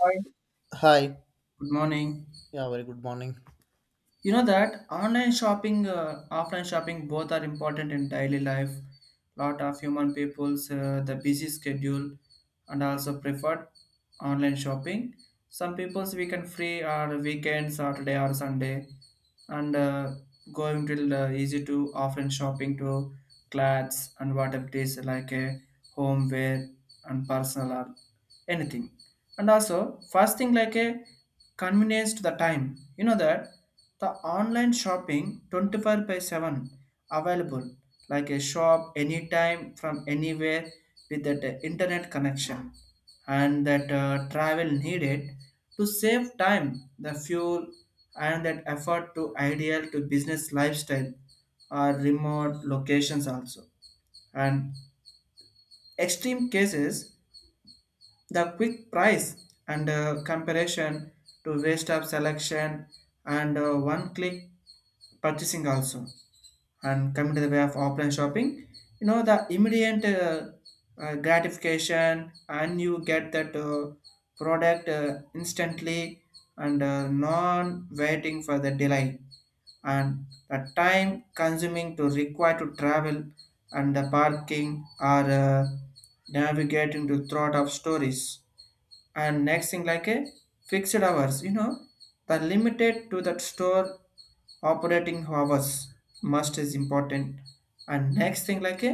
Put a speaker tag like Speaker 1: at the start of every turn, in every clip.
Speaker 1: Hi.
Speaker 2: Hi.
Speaker 1: Good morning.
Speaker 2: Yeah, very good morning.
Speaker 1: You know that online shopping, offline shopping, both are important in daily life. Lot of human people's the busy schedule, and also preferred online shopping. Some people's weekend free or weekend Saturday or Sunday, and going till easy to offline shopping to clothes and what it is like a homeware and personal or anything. And also first thing like a convenience to the time, you know that the online shopping 24 by 7 available like a shop anytime from anywhere with that internet connection and that travel needed to save time, the fuel, and that effort to ideal to business lifestyle or remote locations also, and extreme cases the quick price and comparison to waste of selection and one click purchasing also. And coming to the way of offline shopping, you know, the immediate gratification and you get that product instantly and non waiting for the delay and the time consuming to require to travel and the parking or navigating to thought of stories, and next thing like a fixed hours, you know the limited to that store operating hours must is important, and next thing like a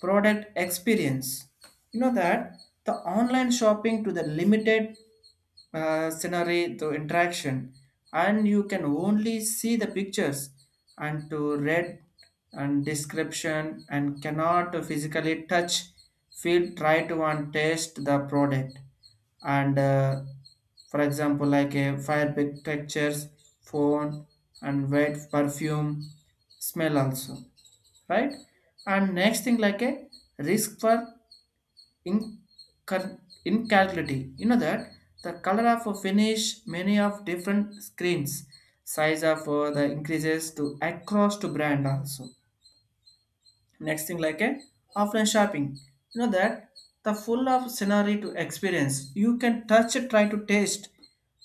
Speaker 1: product experience, you know that the online shopping to the limited scenario to interaction and you can only see the pictures and to read and description and cannot physically touch, feel, try to, and taste the product and for example like a fire big textures phone and wet perfume smell also, right? And next thing like a risk for incal- incalculability, you know that the color of a finish many of different screens, size of the increases to across to brand also. Next thing like a offline shopping, you know that the full of scenario to experience you can touch it, try to taste,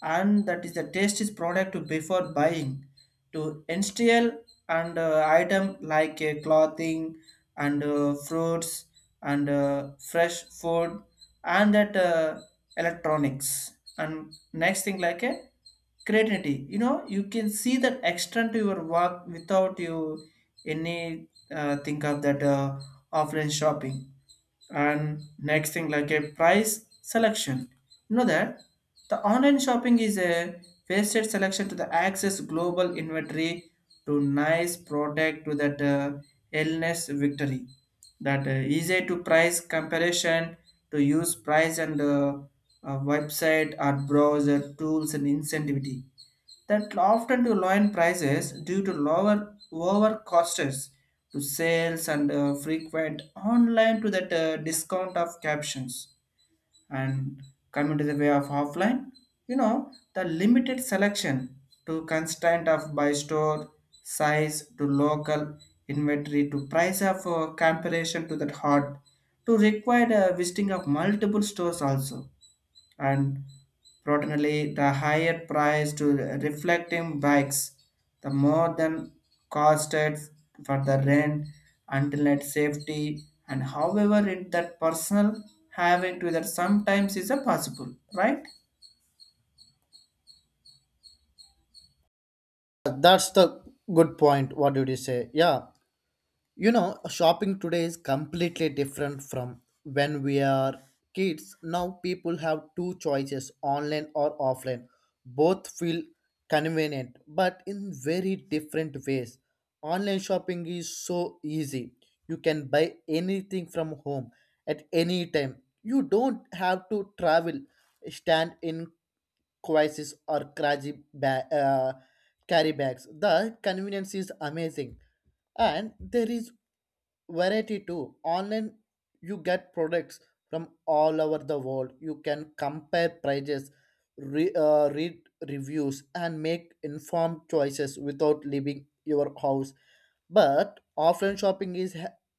Speaker 1: and that is the taste is product to before buying to instill and item like a clothing and fruits and fresh food and that electronics. And next thing like a creativity, you know you can see that extent to your work without you any think of that offline shopping. And next thing like a price selection, you know that the online shopping is a wasted selection to the access global inventory to nice product to that illness victory, that easy to price comparison to use price and website or browser tools and incentivity that often to lower prices due to lower costs, to sales and frequent online to that discount of captions. And coming to the way of offline, you know, the limited selection to constraint of by store size to local inventory to price of comparison to that hot to require a visiting of multiple stores also, and protonally the higher price to reflecting bikes, the more than costed for the rent until net safety, and however it that personal having to that sometimes is a possible, right?
Speaker 2: That's the good point. What did you say? Yeah, shopping today is completely different from when we are kids. Now people have two choices, online or offline. Both feel convenient, but in very different ways. Online shopping is so easy. You can buy anything from home at any time. You don't have to travel, stand in crisis or crazy carry bags. The convenience is amazing, and there is variety too. Online you get products from all over the world. You can compare prices, read reviews and make informed choices without leaving your house. But offline shopping is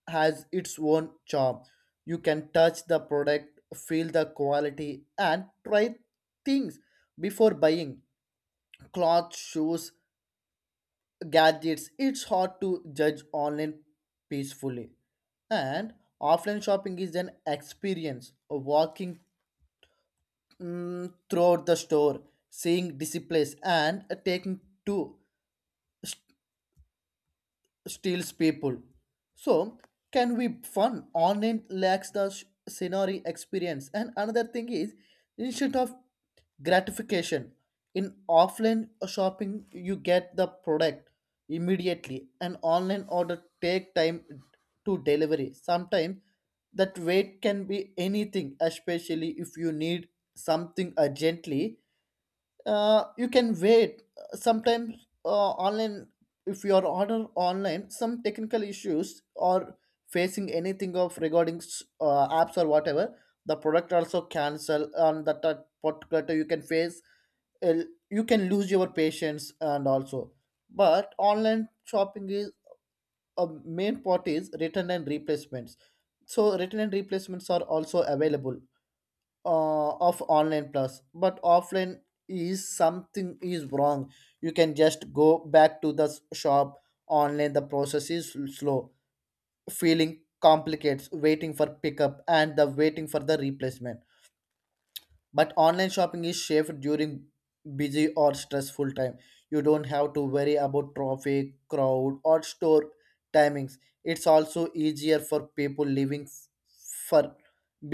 Speaker 2: has its own charm. You can touch the product, feel the quality and try things before buying clothes, shoes, gadgets. It's hard to judge online peacefully. And offline shopping is an experience of walking throughout the store, seeing displays, and taking to steals people. So can we fun online lacks the scenery experience. And another thing is instead of gratification in offline shopping you get the product immediately, and online order take time to delivery. Sometimes that wait can be anything, especially if you need something urgently. You can wait sometimes. Online if your order online some technical issues or facing anything of regarding apps or whatever, the product also cancel on that particular time, you can face, uh, you can lose your patience. And also but online shopping is a main part is return and replacements, so return and replacements are also available of online plus. But offline is something is wrong you can just go back to the shop. Online the process is slow, feeling complicates, waiting for pickup and the waiting for the replacement. But online shopping is safe during busy or stressful time. You don't have to worry about traffic, crowd or store timings. It's also easier for people living for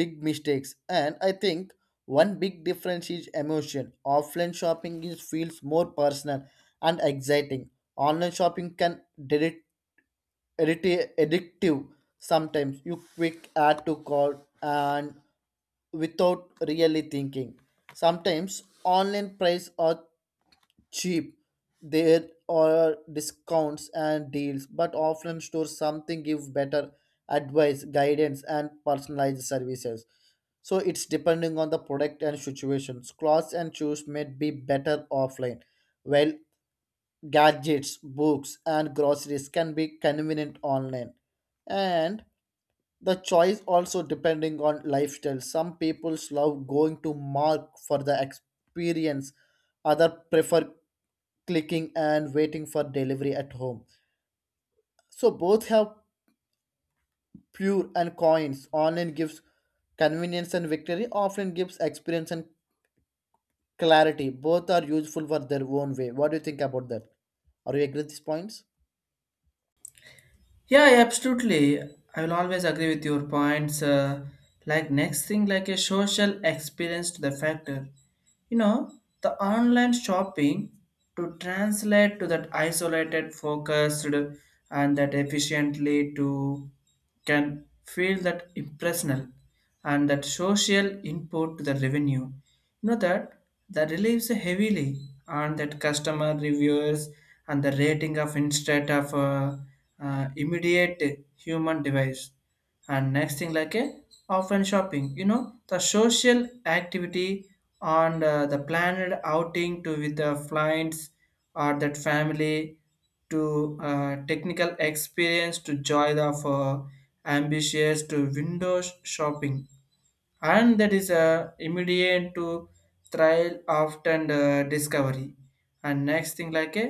Speaker 2: big mistakes. And I think one big difference is emotion. Offline shopping is feels more personal and exciting. Online shopping can delete addictive, addictive. Sometimes you quick add to call and without really thinking. Sometimes online price are cheap, there are discounts and deals, but offline stores something give better advice, guidance and personalized services. So it's depending on the product and situations. Clothes and shoes may be better offline, while gadgets, books, and groceries can be convenient online. And the choice also depending on lifestyle. Some people love going to mark for the experience, other prefer clicking and waiting for delivery at home. So both have pure and coins. Online gives convenience and victory, offline gives experience and clarity. Both are useful for their own way. What do you think about that? Are you agree with these points?
Speaker 1: Yeah, yeah, absolutely. I will always agree with your points. Like next thing, like a social experience to the factor. You know, the online shopping to translate to that isolated, focused, and that efficiently to can feel that impersonal and that social input to the revenue. You know that the relies heavily on that customer reviewers and the rating of instead of immediate human device. And next thing like a often shopping, you know the social activity on the planned outing to with the clients or that family to technical experience to joy of ambitious to windows shopping, and that is a immediate to trial often discovery. And next thing like a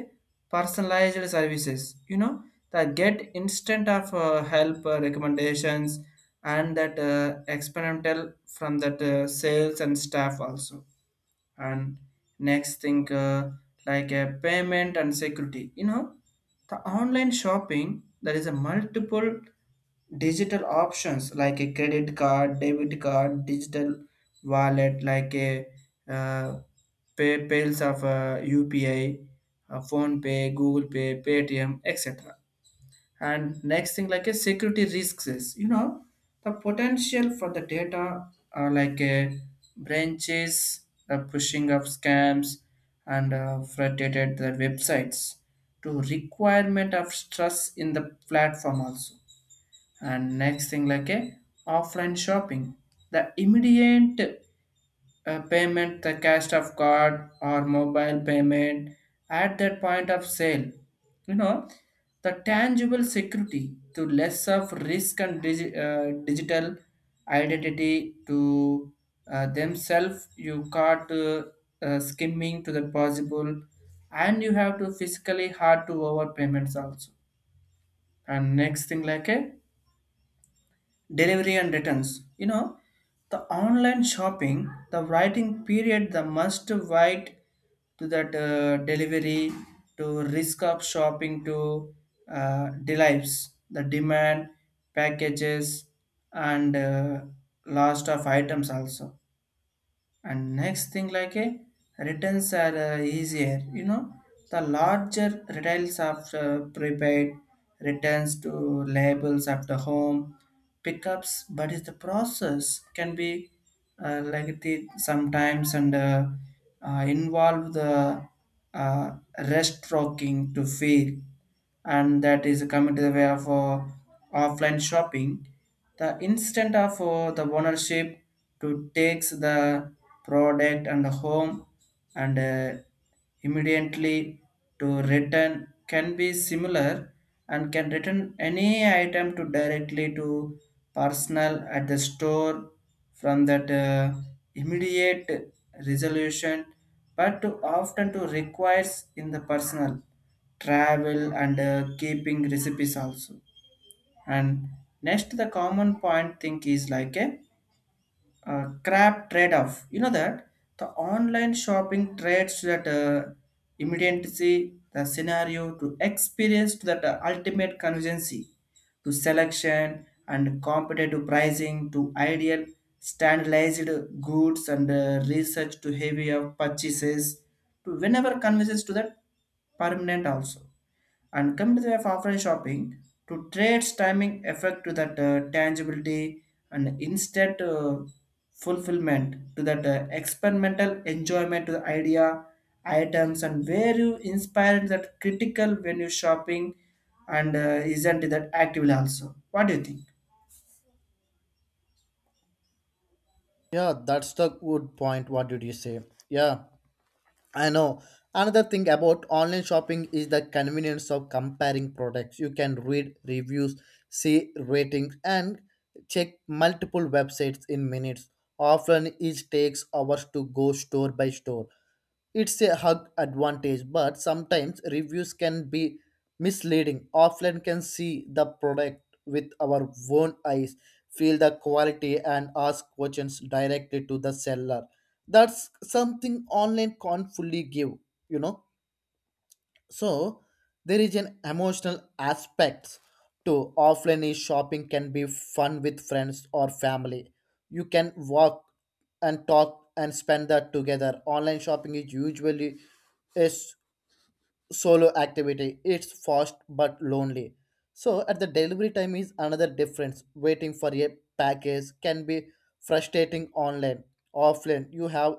Speaker 1: personalized services, you know the get instant of help, recommendations, and that experimental from that sales and staff also. And next thing like a payment and security, you know the online shopping there is a multiple digital options like a credit card, debit card, digital wallet like a uh, pay payals of upi, phone pay, google pay, paytm, etc. And next thing like a security risks is, you know the potential for the data are like a branches, the pushing of scams and frustrated the websites to requirement of stress in the platform also. And next thing like a offline shopping, the immediate payment, the cash of card or mobile payment at that point of sale, you know the tangible security to less of risk and digital identity to themselves, you caught skimming to the possible, and you have to physically hard to over payments also. And next thing like a delivery and returns. You know, the online shopping, the writing period, the must wait to that delivery, to risk of shopping, to delights, the demand, packages, and last of items also. And next thing like a returns are easier, you know the larger retails of prepaid returns to labels of the home pickups, but is the process can be like the sometimes and involve the uh, rest rocking to feel. And that is coming to the way of offline shopping, the instant of the ownership to takes the product and home and immediately to return can be similar, and can return any item to directly to personal at the store from that immediate resolution, but to often to requires in the personal travel and keeping recipes also. And next the common point thing is like a, crap trade-off, you know that the online shopping trades that immediacy the scenario to experience to that ultimate conveniency to selection and competitive pricing to ideal standardized goods and research to heavy of purchases to whenever convenience to that permanent also. And come to the way of offline shopping, to trade's timing effect to that tangibility and instant fulfillment to that experimental enjoyment to the idea, items, and where you inspire that critical when you shopping and isn't that actively also. What do you think?
Speaker 2: Yeah, that's the good point. What did you say? Yeah, I know. Another thing about online shopping is the convenience of comparing products. You can read reviews, see ratings, and check multiple websites in minutes. Often, it takes hours to go store by store. It's a hug advantage, but sometimes reviews can be misleading. Offline can see the product with our own eyes, feel the quality, and ask questions directly to the seller. That's something online can't fully give, you know. So there is an emotional aspect to offline is shopping can be fun with friends or family. You can walk and talk and spend that together. Online shopping is usually a solo activity. It's fast but lonely. So at the delivery time is another difference. Waiting for a package can be frustrating online. Offline you have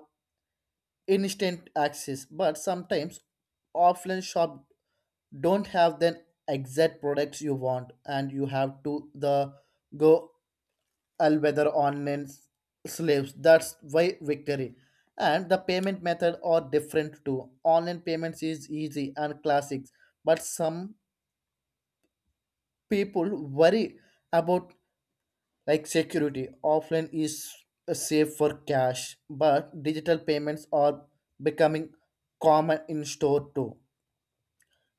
Speaker 2: instant access, but sometimes offline shop don't have the exact products you want and you have to the go all weather online slaves, that's why victory. And the payment method are different too. Online payments is easy and classics, but some people worry about like security. Offline is safe for cash, but digital payments are becoming common in store too.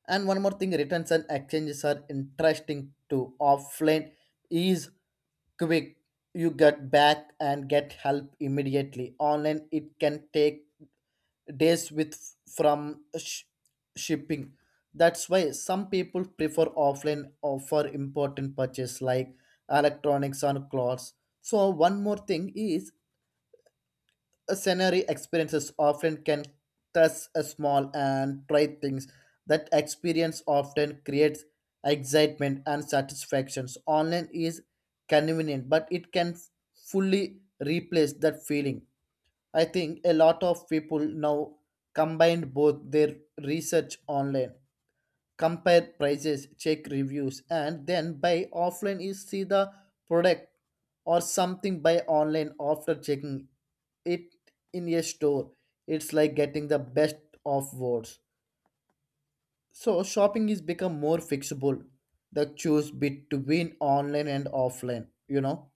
Speaker 2: And one more thing, returns and exchanges are interesting too. Offline is quick. You get back and get help immediately. Online, it can take days with from shipping. That's why some people prefer offline or for important purchase like electronics or clothes. So one more thing is scenery experiences often can test a small and try things. That experience often creates excitement and satisfactions. Online is convenient, but it can fully replace that feeling. I think a lot of people now combine both. Their research online, compare prices, check reviews, and then buy offline is see the product or something buy online after checking it in a store. It's like getting the best of worlds. So shopping is become more flexible. The choose between online and offline, you know,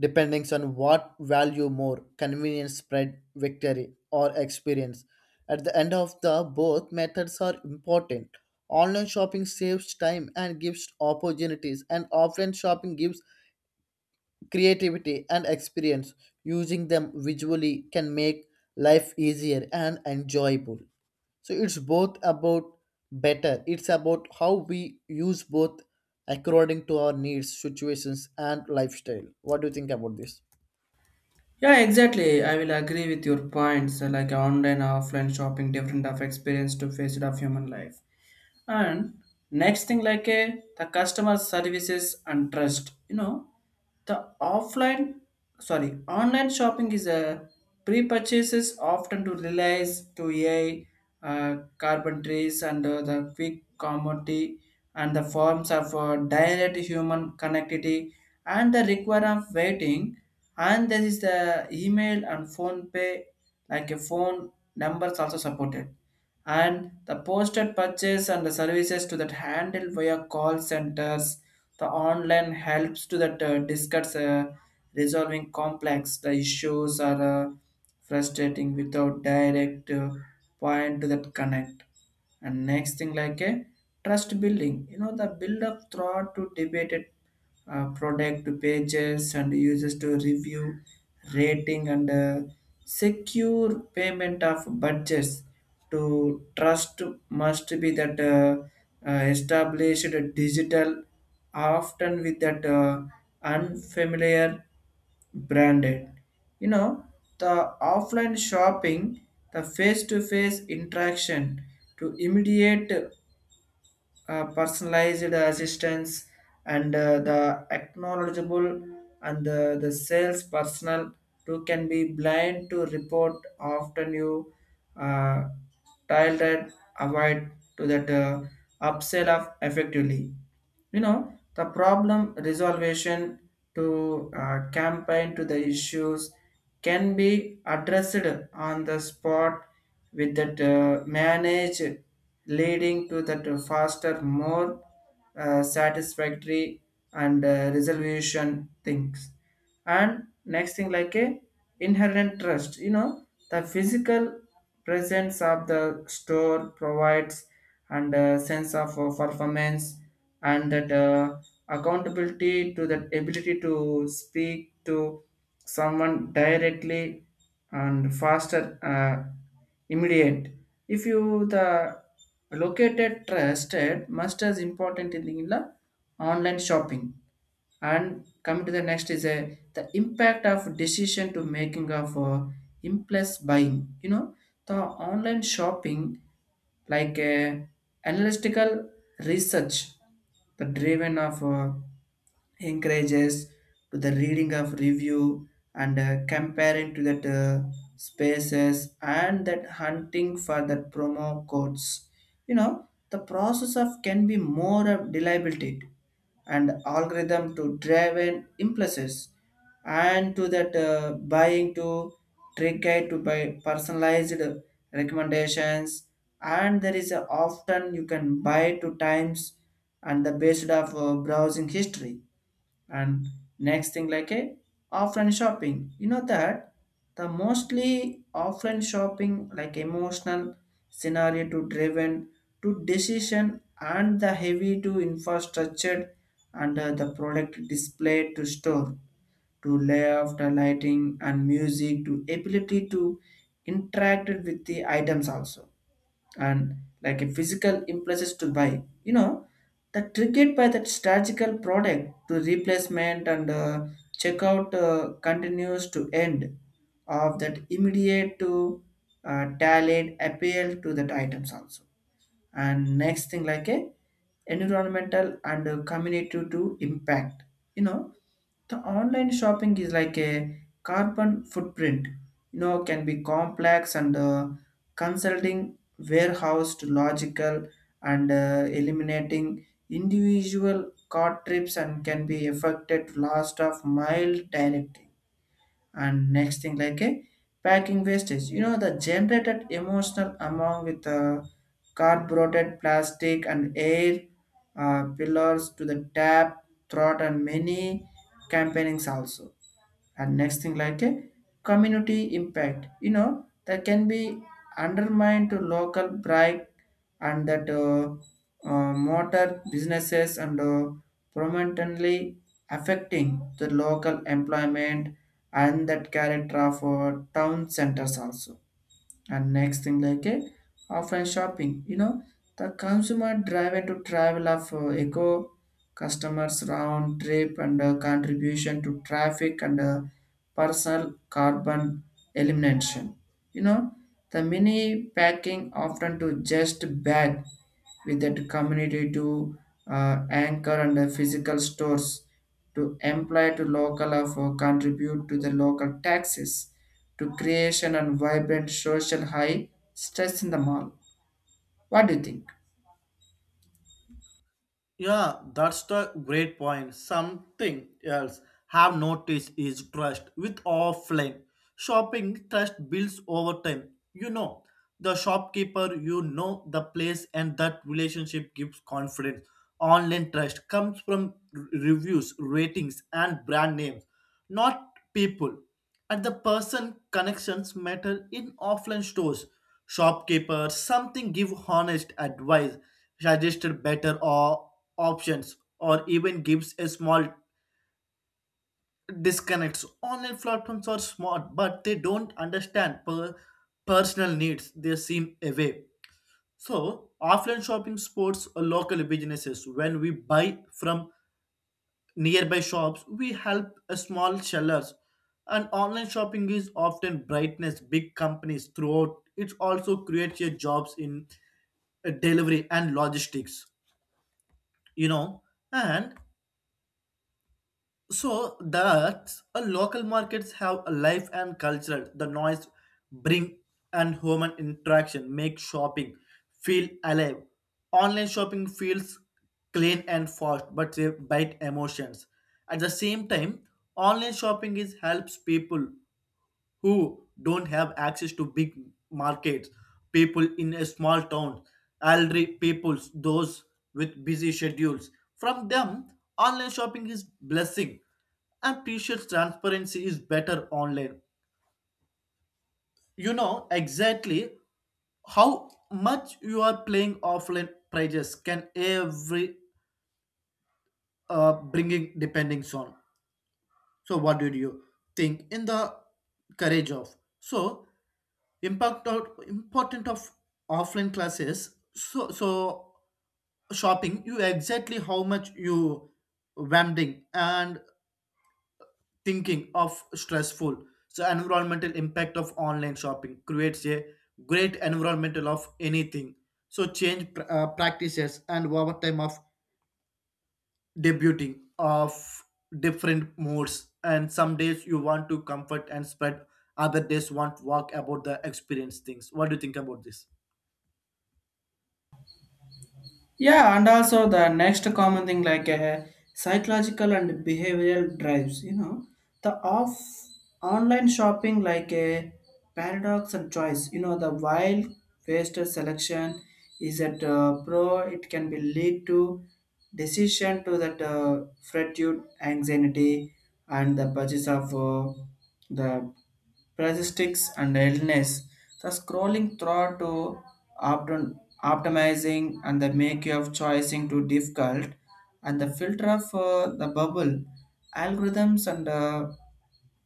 Speaker 2: depending on what value more convenience, spread victory or experience. At the end of the both methods are important. Online shopping saves time and gives opportunities, and offline shopping gives creativity and experience. Using them visually can make life easier and enjoyable. So it's both about better, it's about how we use both according to our needs, situations and lifestyle. What do you think about this?
Speaker 1: Yeah, exactly. I will agree with your points. Like online, offline shopping, different of experience to face it of human life. And next thing like a the customer services and trust, you know the offline sorry online shopping is a pre-purchases often to realize to a carbon trees and the quick commodity and the forms of direct human connectivity and the require of waiting, and there is the email and phone pay like a phone numbers also supported, and the posted purchase and the services to that handled via call centers, the online helps to that discuss resolving complex the issues are frustrating without direct point to that connect. And next thing like a trust building, you know the build up throughout to debated product pages and users to review rating and secure payment of budgets to trust must be that established digital often with that unfamiliar branded, you know the offline shopping, the face to face interaction to immediate personalized assistance and the acknowledgeable and the sales personnel too can be blind to report often you uh, tilted avoid to that upsell of effectively, you know the problem resolution to campaign to the issues can be addressed on the spot with that manage leading to that faster more satisfactory and resolution things. And next thing like a inherent trust, you know the physical presence of the store provides and a sense of performance and that accountability to that ability to speak to someone directly and faster uh, immediate, if you the located trusted must as important in the online shopping. And coming to the next is a the impact of decision to making of impulse buying, you know the online shopping like analytical research the driven of encourages to the reading of review and comparing to that spaces and that hunting for that promo codes, you know the process of can be more of reliability and algorithm to driven impulses and to that buying to trigger to buy personalized recommendations, and there is a often you can buy two times and the based of browsing history. And next thing like a offline shopping, you know that the mostly offline shopping like emotional scenario to driven to decision and the heavy to infrastructure and the product display to store to layout, the lighting and music to ability to interact with the items also, and like a physical impulses to buy, you know that triggered by that strategical product to replacement and checkout continues to end of that immediate to talent appeal to that items also. And next thing like a environmental and community to Impact, you know, the online shopping is like a carbon footprint, you know, can be complex and consulting warehouse to logical and eliminating individual car trips and can be affected last of mile directly. And next thing like a packing wastage, you know, the generated emotional among with carbureted plastic and air pillars to the tap throat and many campaignings also. And next thing like a community impact, you know, that can be undermined to local pride and that motor businesses and prominently affecting the local employment and that character of town centers also. And next thing like a offline shopping, you know, the consumer driven to travel of eco customers round trip and contribution to traffic and personal carbon elimination. You know, the mini packing often to just bag with that community to anchor and the physical stores to employ to local of or contribute to the local taxes to creation and vibrant social high stress in the mall. What do you think?
Speaker 2: Yeah, that's the great point. Something else have noticed is trust with offline shopping. Trust builds over time. You know the shopkeeper, you know the place, and that relationship gives confidence. Online trust comes from reviews, ratings, and brand names, not people. And the person connections matter in offline stores. Shopkeepers something give honest advice, suggested better or options, or even gives a small disconnects. Online platforms are smart, but they don't understand personal needs. They seem away. So offline shopping supports local businesses. When we buy from nearby shops we help a small sellers, and online shopping is often brightness big companies. Throughout it also creates your jobs in delivery and logistics, you know. And so that a local markets have a life and culture, the noise bring and human interaction make shopping feel alive. Online shopping feels clean and fast, but they bite emotions. At the same time online shopping is helps people who don't have access to big markets, people in a small town, elderly peoples, those with busy schedules. From them online shopping is blessing. And t-shirts transparency is better online. You know exactly how much you are playing. Offline prices can every bringing depending on. So what did you think in the courage of so impact out important of offline classes so so shopping? You exactly how much you vending and thinking of stressful. So environmental impact of online shopping creates a great environmental of anything. So change practices and over time of debuting of different modes. And some days you want to comfort and spread. Other days want walk about the experience things. What do you think about this?
Speaker 1: Yeah, and also the next common thing like psychological and behavioral drives, you know, the off online shopping like a paradox and choice, you know, the wild wasted selection is at pro, it can be lead to decision to that fretitude, anxiety, and the purchase of the parasites and illness. The scrolling through to opt- optimizing and the make of choosing to difficult and the filter for the bubble algorithms and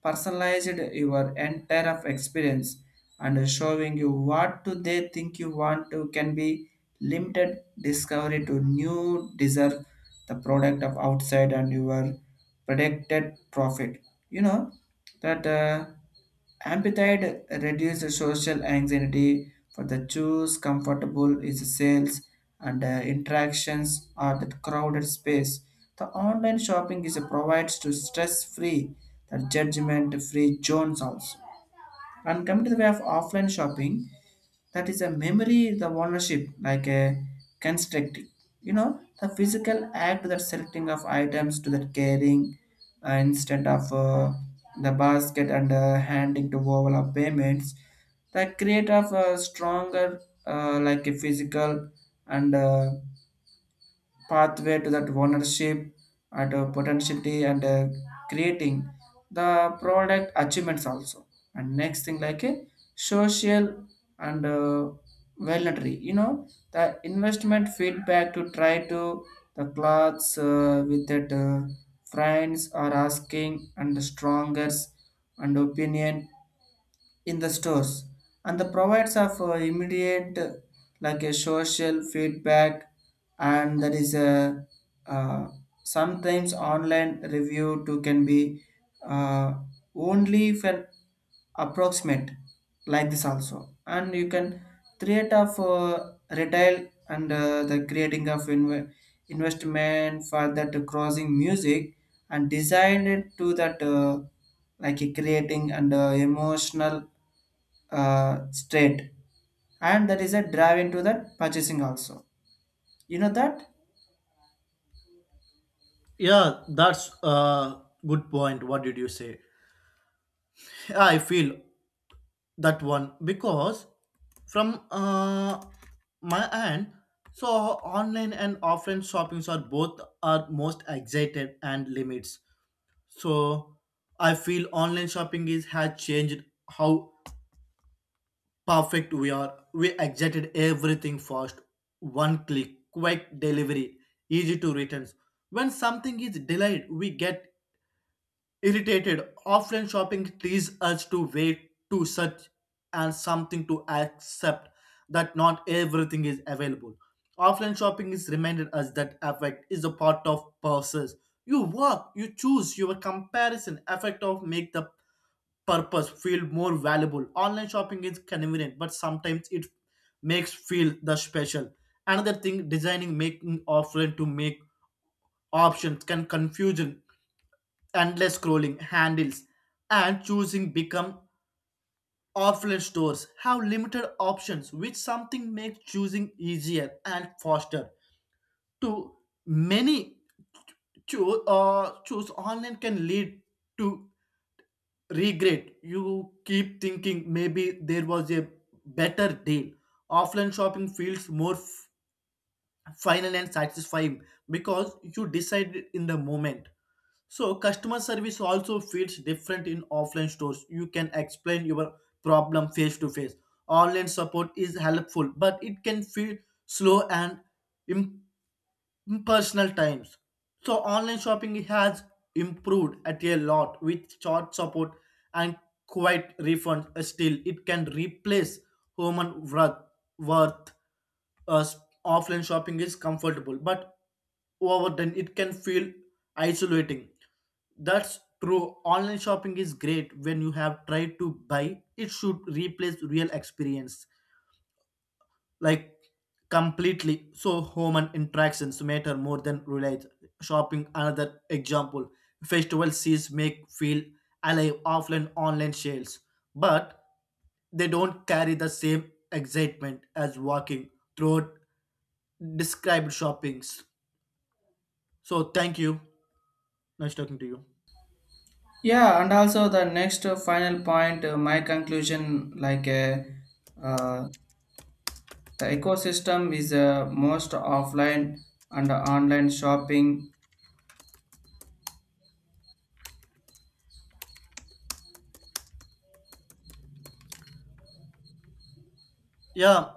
Speaker 1: personalized your entire of experience and showing you what do they think you want to can be limited discovery to new deserve the product of outside and your predicted profit, you know, that appetite reduces social anxiety for the choose comfortable is sales and interactions or the crowded space. The online shopping is provides to stress-free, the judgment-free zones also. And coming to the way of offline shopping, that is a memory the ownership like a constructing. You know the physical act that selecting of items to that carrying, instead of the basket and handing to overall payments the create of a stronger like a physical and pathway to that ownership and potentiality and creating the product achievements also. And next thing like a social and voluntary, you know, the investment feedback to try to the clothes with that friends are asking and the strongest and opinion in the stores and the provides of immediate like a social feedback. And there is a uh, sometimes online review too can be uh, only for approximate like this also, and you can create of retail and the creating of investment for that crossing music and designed it to that like a creating and emotional straight, and that is a drive into that purchasing also, you know that.
Speaker 2: Yeah, that's a good point. What did you say? I feel that one because from my end, so online and offline shoppings are both are most excited and limits. So I feel online shopping is has changed how perfect we are. We exited everything fast, one click, quick delivery, easy to returns. When something is delayed we get irritated. Offline shopping teases us to wait, to search, and something to accept that not everything is available. Offline shopping is reminded us that effect is a part of process. You work, you choose, your comparison effect of make the purpose feel more valuable. Online shopping is convenient, but sometimes it makes feel the special. Another thing, designing making offline to make options can confusion, endless scrolling handles and choosing become. Offline stores have limited options, which something makes choosing easier and faster to many choose. Choose online can lead to regret. You keep thinking maybe there was a better deal. Offline shopping feels more final and satisfying because you decided in the moment. So customer service also feels different in offline stores. You can explain your problem face to face. Online support is helpful, but it can feel slow and personal times. So online shopping has improved at a lot with short support and quite refunds. Still, it can replace human worth. worth. Uh, s- Offline shopping is comfortable, but over then it can feel isolating. That's true. Online shopping is great when you have tried to buy. It should replace real experience like completely. So human interactions matter more than religion shopping. Another example, festival sees make feel alive offline, online sales, but they don't carry the same excitement as walking through described shoppings. So thank you, nice talking to you.
Speaker 1: Yeah, and also the next final point, my conclusion like uh, the ecosystem is most offline and online shopping
Speaker 2: Yeah.